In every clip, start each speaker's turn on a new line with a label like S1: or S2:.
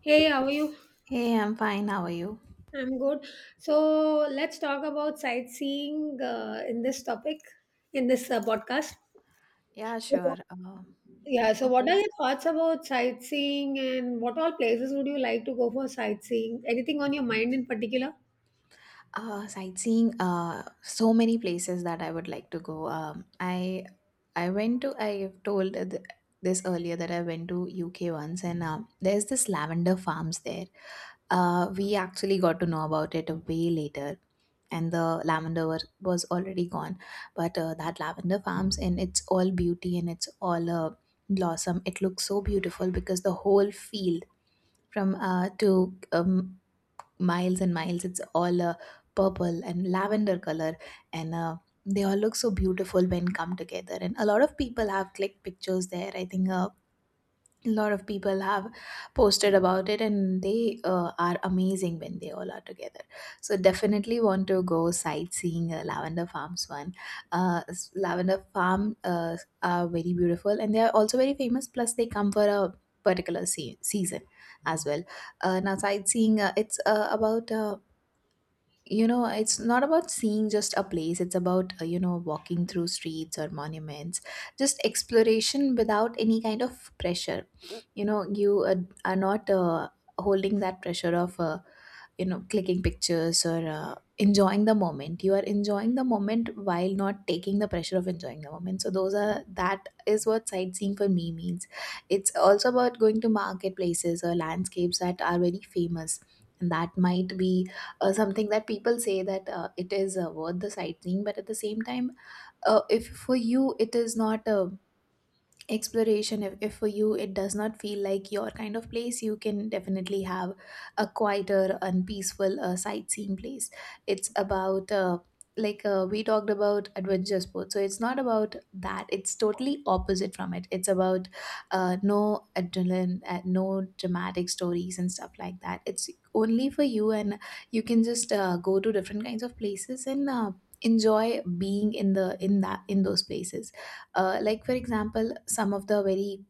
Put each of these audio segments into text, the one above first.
S1: Hey, how are you?
S2: Hey, I'm fine. How are you?
S1: I'm good. So let's talk about sightseeing in this topic, in this podcast.
S2: Yeah, sure.
S1: So-
S2: Um,
S1: Yeah, so what
S2: okay.
S1: are your thoughts about sightseeing and what all places would you like to go for sightseeing? Anything on your mind in particular?
S2: Sightseeing. So many places that I would like to go. I went to. I've told this earlier that I went to UK once, and there's this lavender farms there. We actually got to know about it way later, and the was already gone. But that lavender farms in its all beauty and its all blossom, it looks so beautiful because the whole field from to miles and miles. It's all purple and lavender color, and they all look so beautiful when come together. And a lot of people have clicked pictures there. I think a lot of people have posted about it, and they are amazing when they all are together. So definitely want to go sightseeing lavender farms. Lavender farm are very beautiful, and they are also very famous, plus they come for a particular season as well. Now sightseeing, it's about, it's not about seeing just a place. It's about, walking through streets or monuments, just exploration without any kind of pressure. You know you are not holding that pressure of, clicking pictures or enjoying the moment. You are enjoying the moment while not taking the pressure of enjoying the moment. So those are that is what sightseeing for me means. It's also about going to marketplaces or landscapes that are very famous and that might be something that people say that it is worth the sightseeing. But at the same time, if for you it is not exploration, if for you it does not feel like your kind of place, you can definitely have a quieter and peaceful sightseeing place. It's about, we talked about adventure sports, so it's not about that. It's totally opposite from it. It's about no adrenaline, no dramatic stories and stuff like that. It's only for you, and you can just go to different kinds of places and enjoy being in the in that in those places. Like, for example, some of the very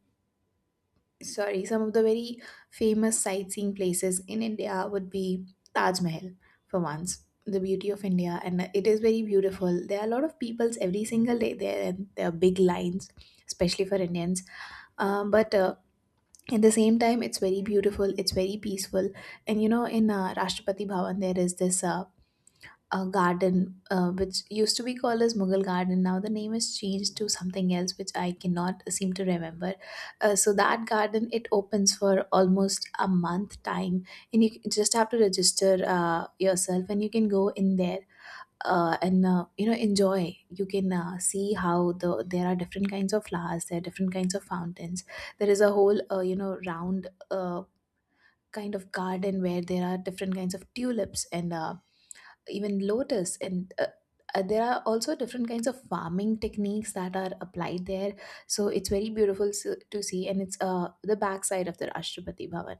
S2: sorry some of the very famous sightseeing places in India would be Taj Mahal. For once, the beauty of India, and it is very beautiful. There are a lot of peoples every single day there, and there are big lines, especially for Indians. But At the same time, it's very beautiful, it's very peaceful. And you know, in Rashtrapati Bhavan, there is this a garden which used to be called as Mughal Garden. Now the name is changed to something else, which I cannot seem to remember. So that garden, it opens for almost a month time, and you just have to register yourself, and you can go in there. And enjoy. You can see how there are different kinds of flowers, there are different kinds of fountains, there is a whole round kind of garden where there are different kinds of tulips and even lotus, and there are also different kinds of farming techniques that are applied there. So it's very beautiful to see, and it's the backside of the Rashtrapati Bhavan.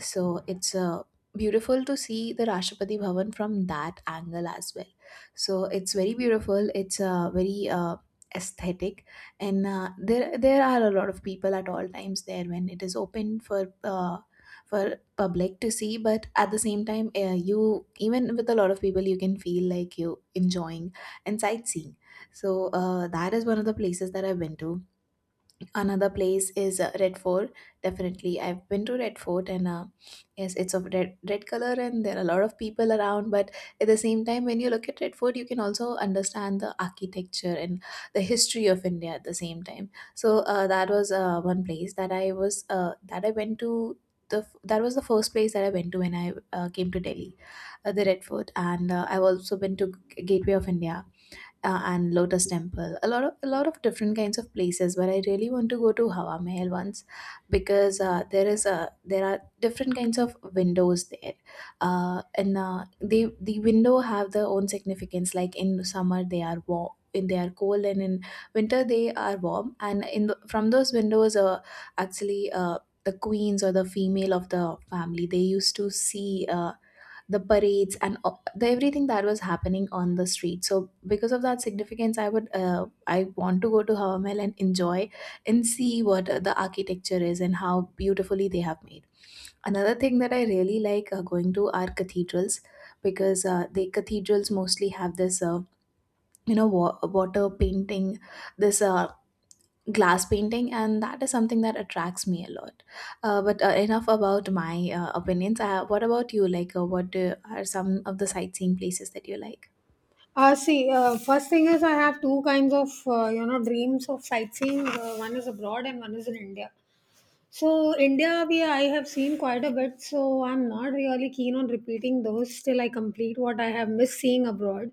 S2: So it's beautiful to see the Rashtrapati Bhavan from that angle as well. So it's very beautiful. It's very aesthetic, and there are a lot of people at all times there when it is open for. For public to see. But at the same time, you even with a lot of people, you can feel like you enjoying and sightseeing. So that is one of the places that I've been to. Another place is Red Fort. Definitely I've been to Red Fort, and yes, it's of red color, and there are a lot of people around, but at the same time when you look at Red Fort, you can also understand the architecture and the history of India at the same time. So that was one place that I was that I went to. That was the first place that I went to when I came to Delhi, the Red Fort. And I've also been to Gateway of India and Lotus Temple. A lot of different kinds of places. But I really want to go to Hawa Mahal once because there is a there are different kinds of windows there, and the window have their own significance. Like in summer, they are warm. In they are cold, and in winter they are warm. And from those windows, actually the queens or the female of the family, they used to see the parades and o- the everything that was happening on the street. So because of that significance, I want to go to Hawa Mahal and enjoy and see what the architecture is and how beautifully they have made. Another thing that I really like going to are cathedrals, because the cathedrals mostly have this, water painting, this glass painting, and that is something that attracts me a lot. But Enough about my opinions. What about you? Are some of the sightseeing places that you like?
S1: See, first thing is I have two kinds of, you know, dreams of sightseeing. One is abroad and one is in India. So India, we I have seen quite a bit, so I'm not really keen on repeating those till I complete what I have missed seeing abroad.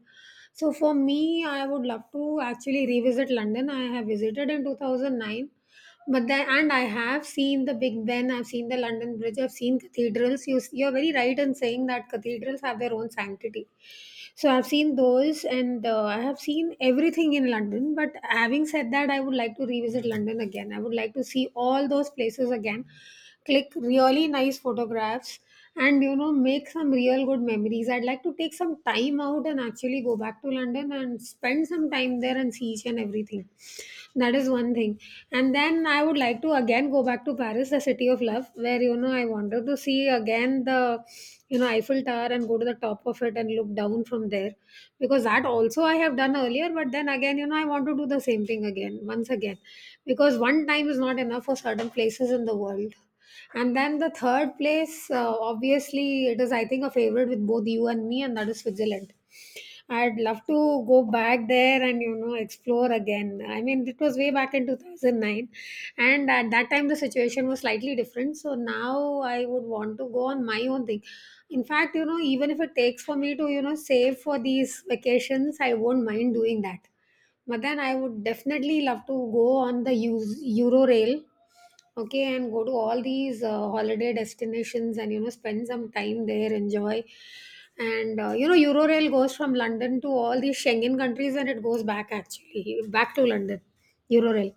S1: So for me, I would love to actually revisit London. I have visited in 2009, but then and I have seen the Big Ben, I've seen the London Bridge, I've seen cathedrals. You're very right in saying that cathedrals have their own sanctity. So I've seen those, and I have seen everything in London. But having said that, I would like to revisit London again. I would like to see all those places again, click really nice photographs, and you know, make some real good memories. I'd like to take some time out and actually go back to London and spend some time there and see each and everything. That is one thing. And then I would like to again go back to Paris, the city of love, where you know I wanted to see again the you know Eiffel Tower and go to the top of it and look down from there because that also I have done earlier, but then again, you know, I want to do the same thing again once again because one time is not enough for certain places in the world. And then the third place, obviously, it is I think a favorite with both you and me, and that is Switzerland. I'd love to go back there and you know explore again. I mean, it was way back in 2009, and at that time the situation was slightly different. So now I would want to go on my own thing. In fact, you know, even if it takes for me to you know save for these vacations, I won't mind doing that. But then I would definitely love to go on the Euro Rail, okay, and go to all these holiday destinations and you know spend some time there enjoy and you know eurorail goes from london to all these schengen countries and it goes back actually back to london, eurorail,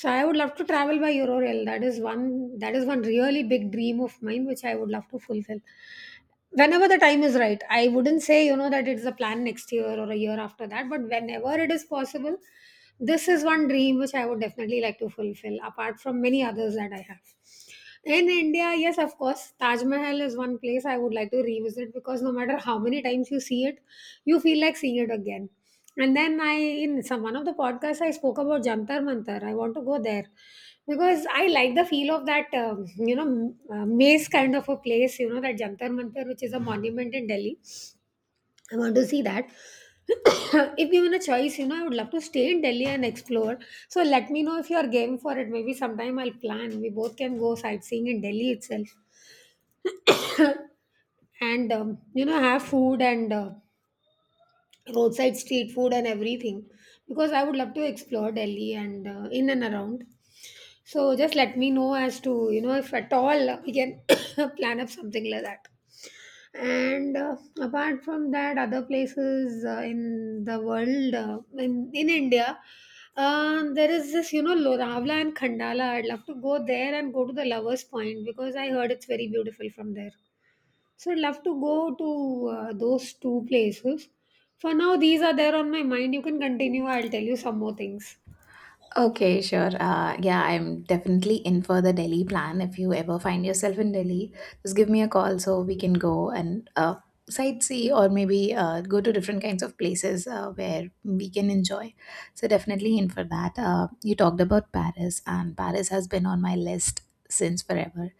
S1: so I would love to travel by eurorail. That is one really big dream of mine which I would love to fulfill whenever the time is right. I wouldn't say you know that it's a plan next year or a year after that, but whenever it is possible this is one dream which I would definitely like to fulfill apart from many others that I have in India. Yes, of course, Taj Mahal is one place I would like to revisit because no matter how many times you see it, you feel like seeing it again. And then I, in some one of the podcasts, I spoke about Jantar Mantar. I want to go there because I like the feel of that, you know, maze kind of a place, you know, that Jantar Mantar, which is a monument in Delhi. I want to see that. If given a choice, you know, I would love to stay in Delhi and explore. So let me know if you are game for it. Maybe sometime I'll plan. We both can go sightseeing in Delhi itself. And, you know, have food and roadside street food and everything. Because I would love to explore Delhi and in and around. So just let me know as to, you know, if at all we can plan up something like that. And Apart from that, other places in the world, in india, there is this you know loravla and khandala. I'd love to go there and go to the lovers point because I heard it's very beautiful from there, so I'd love to go to those two places. For now these are there on my mind. You can continue, I'll tell you some more things.
S2: Okay, sure. Yeah, I'm definitely in for the Delhi plan. If you ever find yourself in Delhi, just give me a call so we can go and sightsee, or maybe go to different kinds of places where we can enjoy. So, definitely in for that. You talked about Paris, and Paris has been on my list since forever.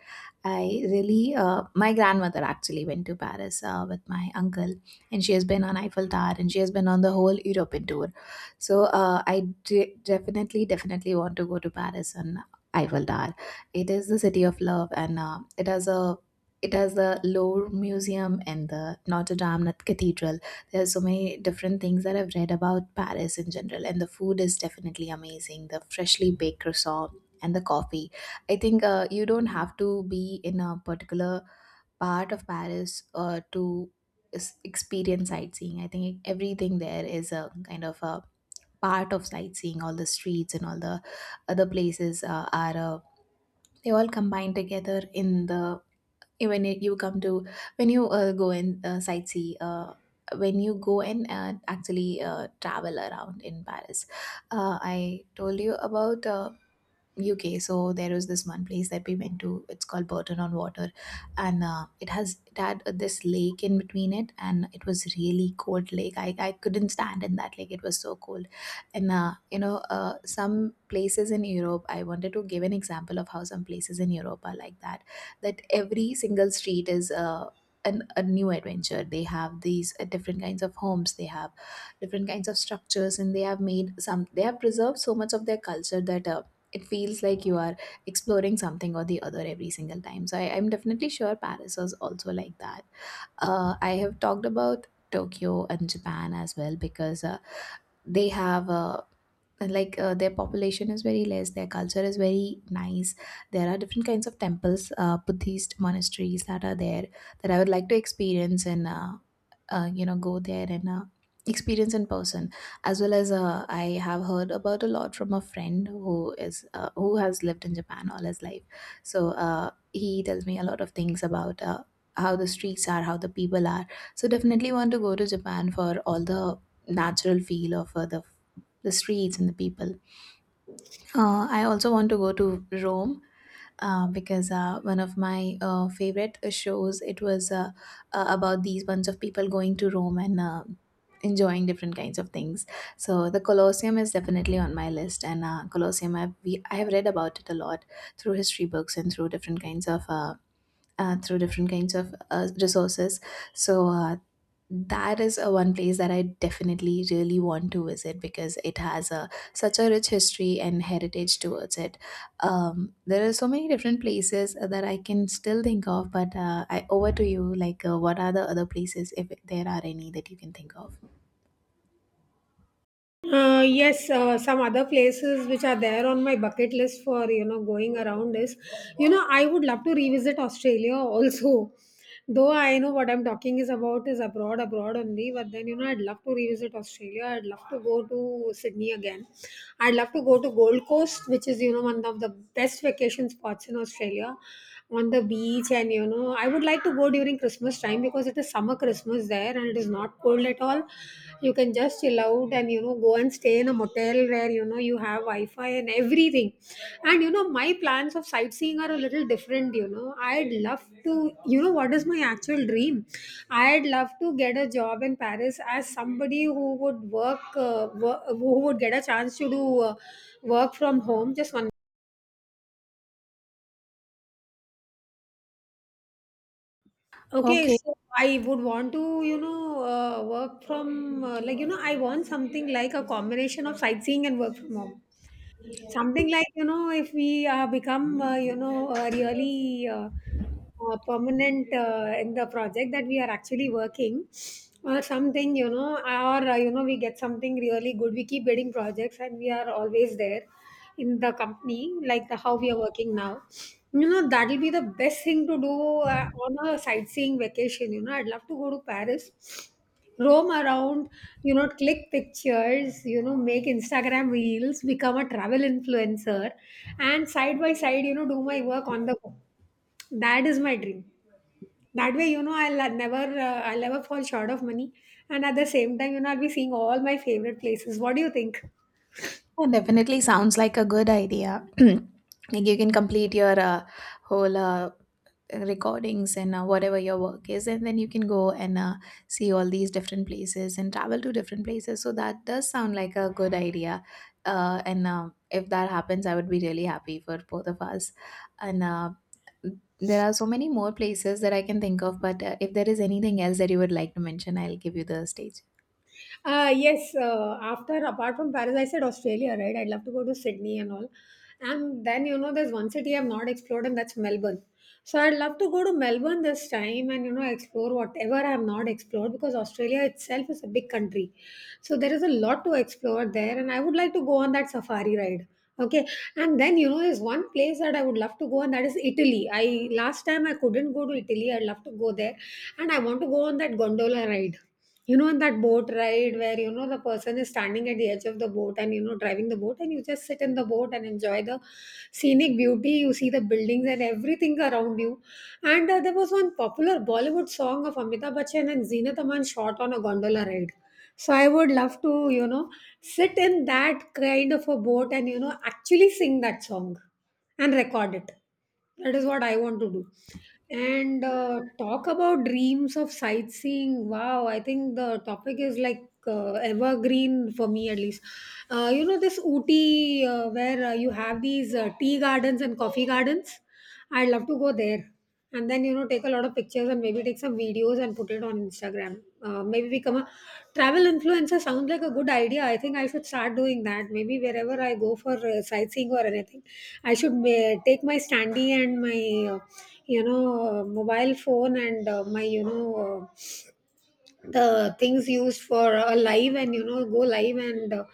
S2: My grandmother actually went to Paris with my uncle, and she has been on Eiffel Tower, and she has been on the whole European tour. So definitely want to go to Paris and Eiffel Tower. It is the city of love, and it has the Louvre Museum and the Notre Dame Cathedral. There are so many different things that I've read about Paris in general, and the food is definitely amazing. The freshly baked croissant and the coffee. I think you don't have to be in a particular part of Paris to experience sightseeing. I think everything there is a kind of a part of sightseeing. All the streets and all the other places are they all combine together in the when it- you come to when you go and sightsee, when you go and actually travel around in Paris. I told you about UK. So there was this one place that we went to. It's called Burton on Water, and it had this lake in between it, and it was really cold lake. I couldn't stand in that lake. It was so cold, and some places in Europe. I wanted to give an example of how some places in Europe are like that. That every single street is a new adventure. They have these different kinds of homes. They have different kinds of structures, and they have made some. They have preserved so much of their culture that. It feels like you are exploring something or the other every single time. So I'm definitely sure Paris was also like that. I have talked about Tokyo and Japan as well, because they have a and, like their population is very less, their culture is very nice. There are different kinds of temples, Buddhist monasteries that are there, that I would like to experience. And go there and experience in person, as well as I have heard about a lot from a friend who is who has lived in Japan all his life. So he tells me a lot of things about how the streets are, how the people are. So definitely want to go to Japan for all the natural feel of the streets and the people. I also want to go to Rome, because one of my favorite shows, it was about these bunch of people going to Rome and enjoying different kinds of things. So the Colosseum is definitely on my list, and Colosseum, I have read about it a lot through history books and through different kinds of. Through different kinds of resources, so uh, that is a one place that I definitely really want to visit because it has a such a rich history and heritage towards it. There are so many different places that I can still think of, but I over to you. Like, what are the other places, if there are any, that you can think of?
S1: Yes, some other places which are there on my bucket list for you know going around is, you know, I would love to revisit Australia also. Though I know what I'm talking is about is abroad, abroad only. But then you know, I'd love to revisit Australia. I'd love to go to Sydney again. I'd love to go to Gold Coast, which is you know one of the best vacation spots in Australia, on the beach. And you know, I would like to go during Christmas time because it is summer Christmas there and it is not cold at all you can just chill out and you know go and stay in a motel where you know you have wi-fi and everything and you know my plans of sightseeing are a little different you know I'd love to you know what is my actual dream I'd love to get a job in paris as somebody who would work, wo- who would get a chance to do work from home just one Okay,
S2: Okay,
S1: so I would want to, you know, work from, like, you know, I want something like a combination of sightseeing and work from home. Something like you know if we become you know really permanent in the project that we are actually working or something you know or you know we get something really good we keep getting projects and we are always there in the company like the, how we are working now you know that'll be the best thing to do on a sightseeing vacation you know I'd love to go to paris roam around, you know, click pictures, you know, make Instagram reels, become a travel influencer, and side by side, you know, do my work on the go. That is my dream. That way, you know, I'll never fall short of money, and at the same time, you know, I'll be seeing all my favorite places. What do you think?
S2: that definitely sounds like a good idea. Like, you can complete your whole recordings and whatever your work is, and then you can go and see all these different places and travel to different places, so that does sound like a good idea. And If that happens, I would be really happy for both of us. And There are so many more places that I can think of, but if there is anything else that you would like to mention, I'll give you the stage.
S1: Yes, after apart from Paris, I said Australia, right? I'd love to go to Sydney and all. And then, you know, there's one city I've not explored, and that's Melbourne. So I'd love to go to Melbourne this time and, you know, explore whatever I have not explored because Australia itself is a big country. So there is a lot to explore there, and I would like to go on that safari ride. Okay, and then you know, there's one place that I would love to go, and that is Italy. I last time I couldn't go to Italy. I'd love to go there, and I want to go on that gondola ride. You know, on that boat ride where you know the person is standing at the edge of the boat and you know driving the boat, and you just sit in the boat and enjoy the scenic beauty. You see the buildings and everything around you. And there was one popular Bollywood song of Amitabh Bachchan Station and Zenith Aman shot on a gondola ride. So I would love to, you know, sit in that kind of a boat and, you know, actually sing that song and record it. That is what I want to do. And talk about dreams of sightseeing. Wow, I think the topic is like evergreen for me at least. You know, this Ooty where you have these tea gardens and coffee gardens. I'd love to go there and then you know take a lot of pictures and maybe take some videos and put it on Instagram. Maybe become a travel influencer sounds like a good idea. I think I should start doing that. Maybe wherever I go for sightseeing or anything, I should take my standee and my you know mobile phone and my you know uh, the things used for a live and you know go live and uh,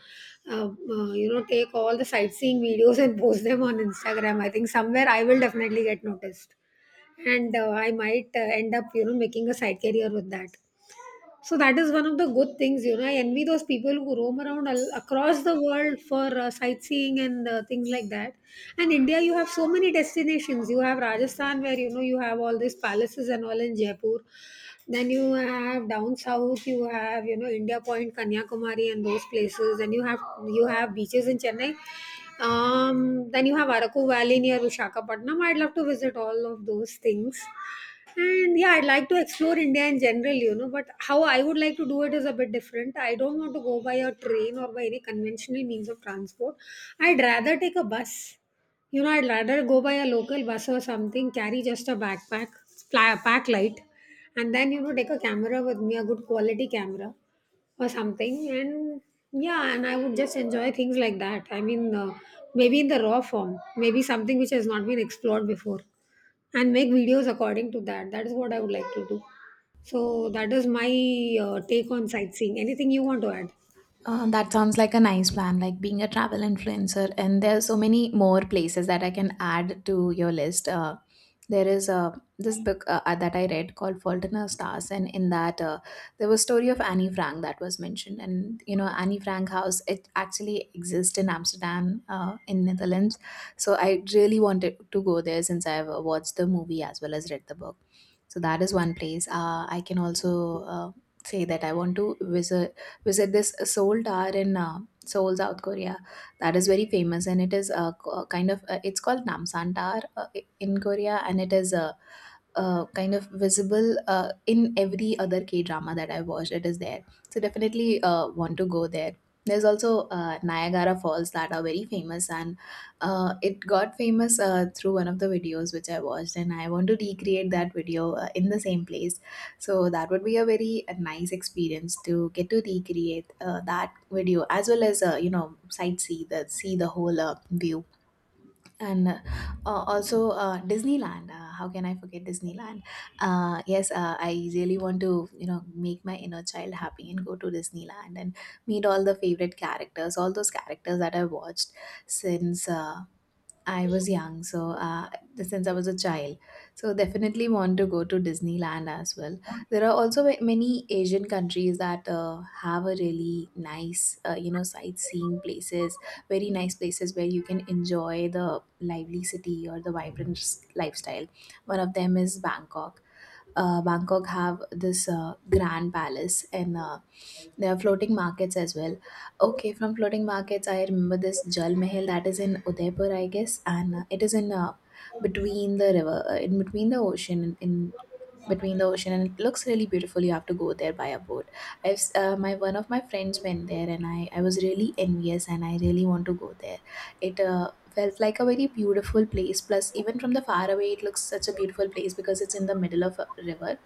S1: uh, uh, you know take all the sightseeing videos and post them on instagram. I think somewhere I will definitely get noticed, and I might end up you know making a side career with that. So that is one of the good things, you know. I envy those people who roam around across the world for sightseeing and things like that. And India, you have so many destinations. You have Rajasthan, where you know you have all these palaces and all in Jaipur. Then you have down south, you have you know India Point, Kanyakumari, and those places. And you have beaches in Chennai. Then you have Araku Valley near Vishakhapatnam. I'd love to visit all of those things. And yeah, I'd like to explore India in general, you know, but how I would like to do it is a bit different. I don't want to go by a train or by any conventional means of transport. I'd rather take a bus. You know, I'd rather go by a local bus or something, carry just a backpack, fly, pack light, and then, you know, take a camera with me, a good quality camera or something. And yeah, and I would just enjoy things like that. I mean, maybe in the raw form, maybe something which has not been explored before, and make videos according to that. That is what I would like to do. So that is my take on sightseeing. Anything you want to add?
S2: That sounds like a nice plan, like being a travel influencer. And there are so many more places that I can add to your list. There is a this book that I read called Fault in Our Stars, and in that there was story of Annie Frank that was mentioned. And you know, Annie Frank House, it actually exists in Amsterdam, in Netherlands. So I really wanted to go there since I've watched the movie as well as read the book. So that is one place. I can also say that I want to visit was at this Seoul Tower in Seoul, South Korea. That is very famous, and it is kind of it's called Namsan Tower in Korea, and it is kind of visible in every other K drama that I've watched. It is there, so definitely want to go there. There's also Niagara Falls that are very famous, and it got famous through one of the videos which I watched, and I want to recreate that video in the same place. So that would be a very nice experience to get to recreate that video, as well as, you know, sightsee the see the whole view. And uh, also uh, Disneyland. How can I forget Disneyland? Yes, I really want to, you know, make my inner child happy and go to Disneyland and meet all the favorite characters, all those characters that I've watched since I was young, so since I was a child. So definitely want to go to Disneyland as well. There are also many Asian countries that have a really nice, you know, sightseeing places, very nice places where you can enjoy the lively city or the vibrant lifestyle. One of them is Bangkok. Bangkok have this grand palace, and there are floating markets as well. Okay, from floating markets, I remember this Jal Mahal that is in Udaipur, I guess, and it is in between the river, in between the ocean, in between the ocean, and it looks really beautiful. You have to go there by a boat. My one of my friends went there, and I was really envious, and I really want to go there. It felt like a very beautiful place, plus even from the far away it looks such a beautiful place because it's in the middle of a river.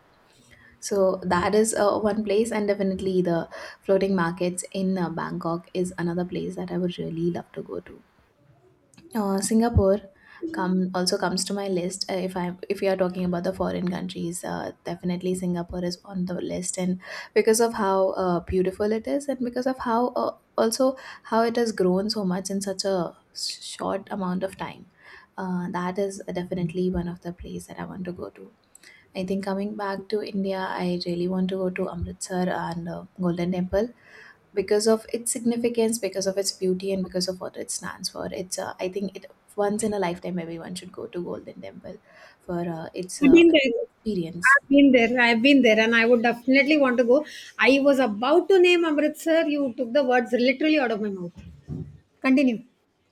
S2: So that is one place, and definitely the floating markets in Bangkok is another place that I would really love to go to. Singapore come also comes to my list. If I if we are talking about the foreign countries, definitely Singapore is on the list, and because of how beautiful it is, and because of how also how it has grown so much in such a short amount of time, that is definitely one of the place that I want to go to. I think coming back to India, I really want to go to Amritsar and Golden Temple because of its significance, because of its beauty, and because of what it stands for. It's I think it once in a lifetime everyone should go to Golden Temple for its
S1: I've been there.
S2: to experience.
S1: I've been there, and I would definitely want to go. I was about to name Amritsar. You took the words literally out of my mouth. Continue.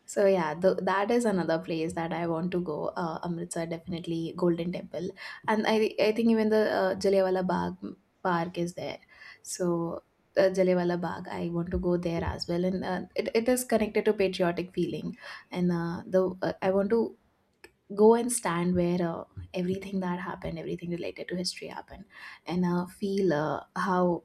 S2: So yeah, that is another place that I want to go. Amritsar, definitely Golden Temple, and I think even the Jallianwala Bagh Park is there. So. Jallianwala Bagh. I want to go there as well, and it is connected to patriotic feeling, and the I want to go and stand where everything that happened, everything related to history happened, and feel how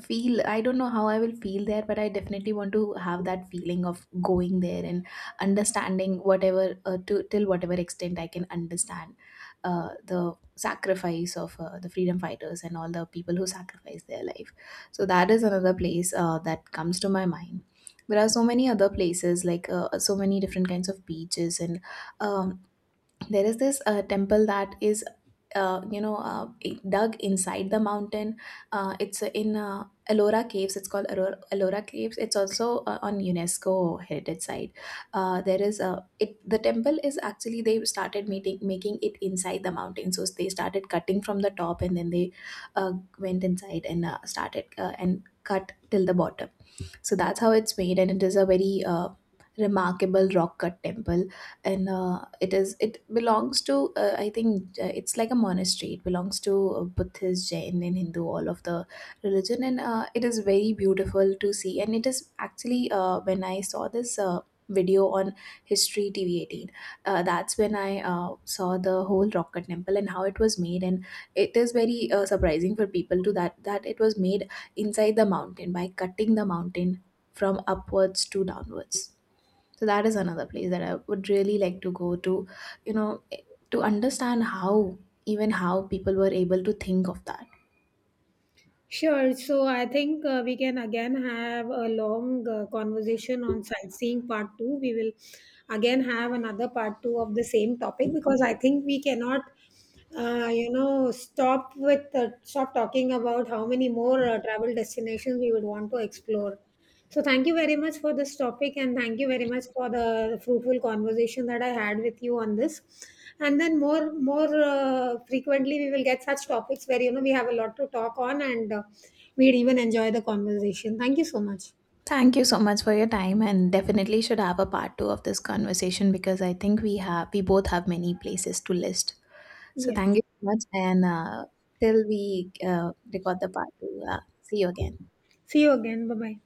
S2: feel I don't know how I will feel there, but I definitely want to have that feeling of going there and understanding whatever to till whatever extent I can understand the sacrifice of the freedom fighters and all the people who sacrificed their life. So that is another place that comes to my mind. There are so many other places, like so many different kinds of beaches, and um, there is this temple that is uh, you know uh, dug inside the mountain. It's in Ellora Caves. It's called Ellora Caves. It's also on UNESCO heritage site. There is a it. The temple is actually they started making it inside the mountain. So they started cutting from the top, and then they went inside and started and cut till the bottom. So that's how it's made, and it is a very remarkable rock cut temple, and it is it belongs to I think it's like a monastery. It belongs to Buddhist, Jain, and Hindu, all of the religion, and it is very beautiful to see. And it is actually when I saw this. Video on history tv History TV18, that's when I saw the whole rock cut temple and how it was made, and it is very surprising for people to that it was made inside the mountain by cutting the mountain from upwards to downwards. So that is another place that I would really like to go to, you know, to understand how even how people were able to think of that.
S1: Sure. So I think we can again have a long conversation on sightseeing part two. We will again have another part two of the same topic because I think we cannot, you know, stop talking about how many more travel destinations we would want to explore. So thank you very much for this topic and thank you very much for the fruitful conversation that I had with you on this. And then more frequently we will get such topics where you know we have a lot to talk on and we'd even enjoy the conversation. Thank you so much.
S2: Thank you so much for your time, and definitely should have a part 2 of this conversation because I think we both have many places to list. So
S1: Yes.
S2: thank you so much, and till we record the part 2, see you again.
S1: See you again. Bye bye.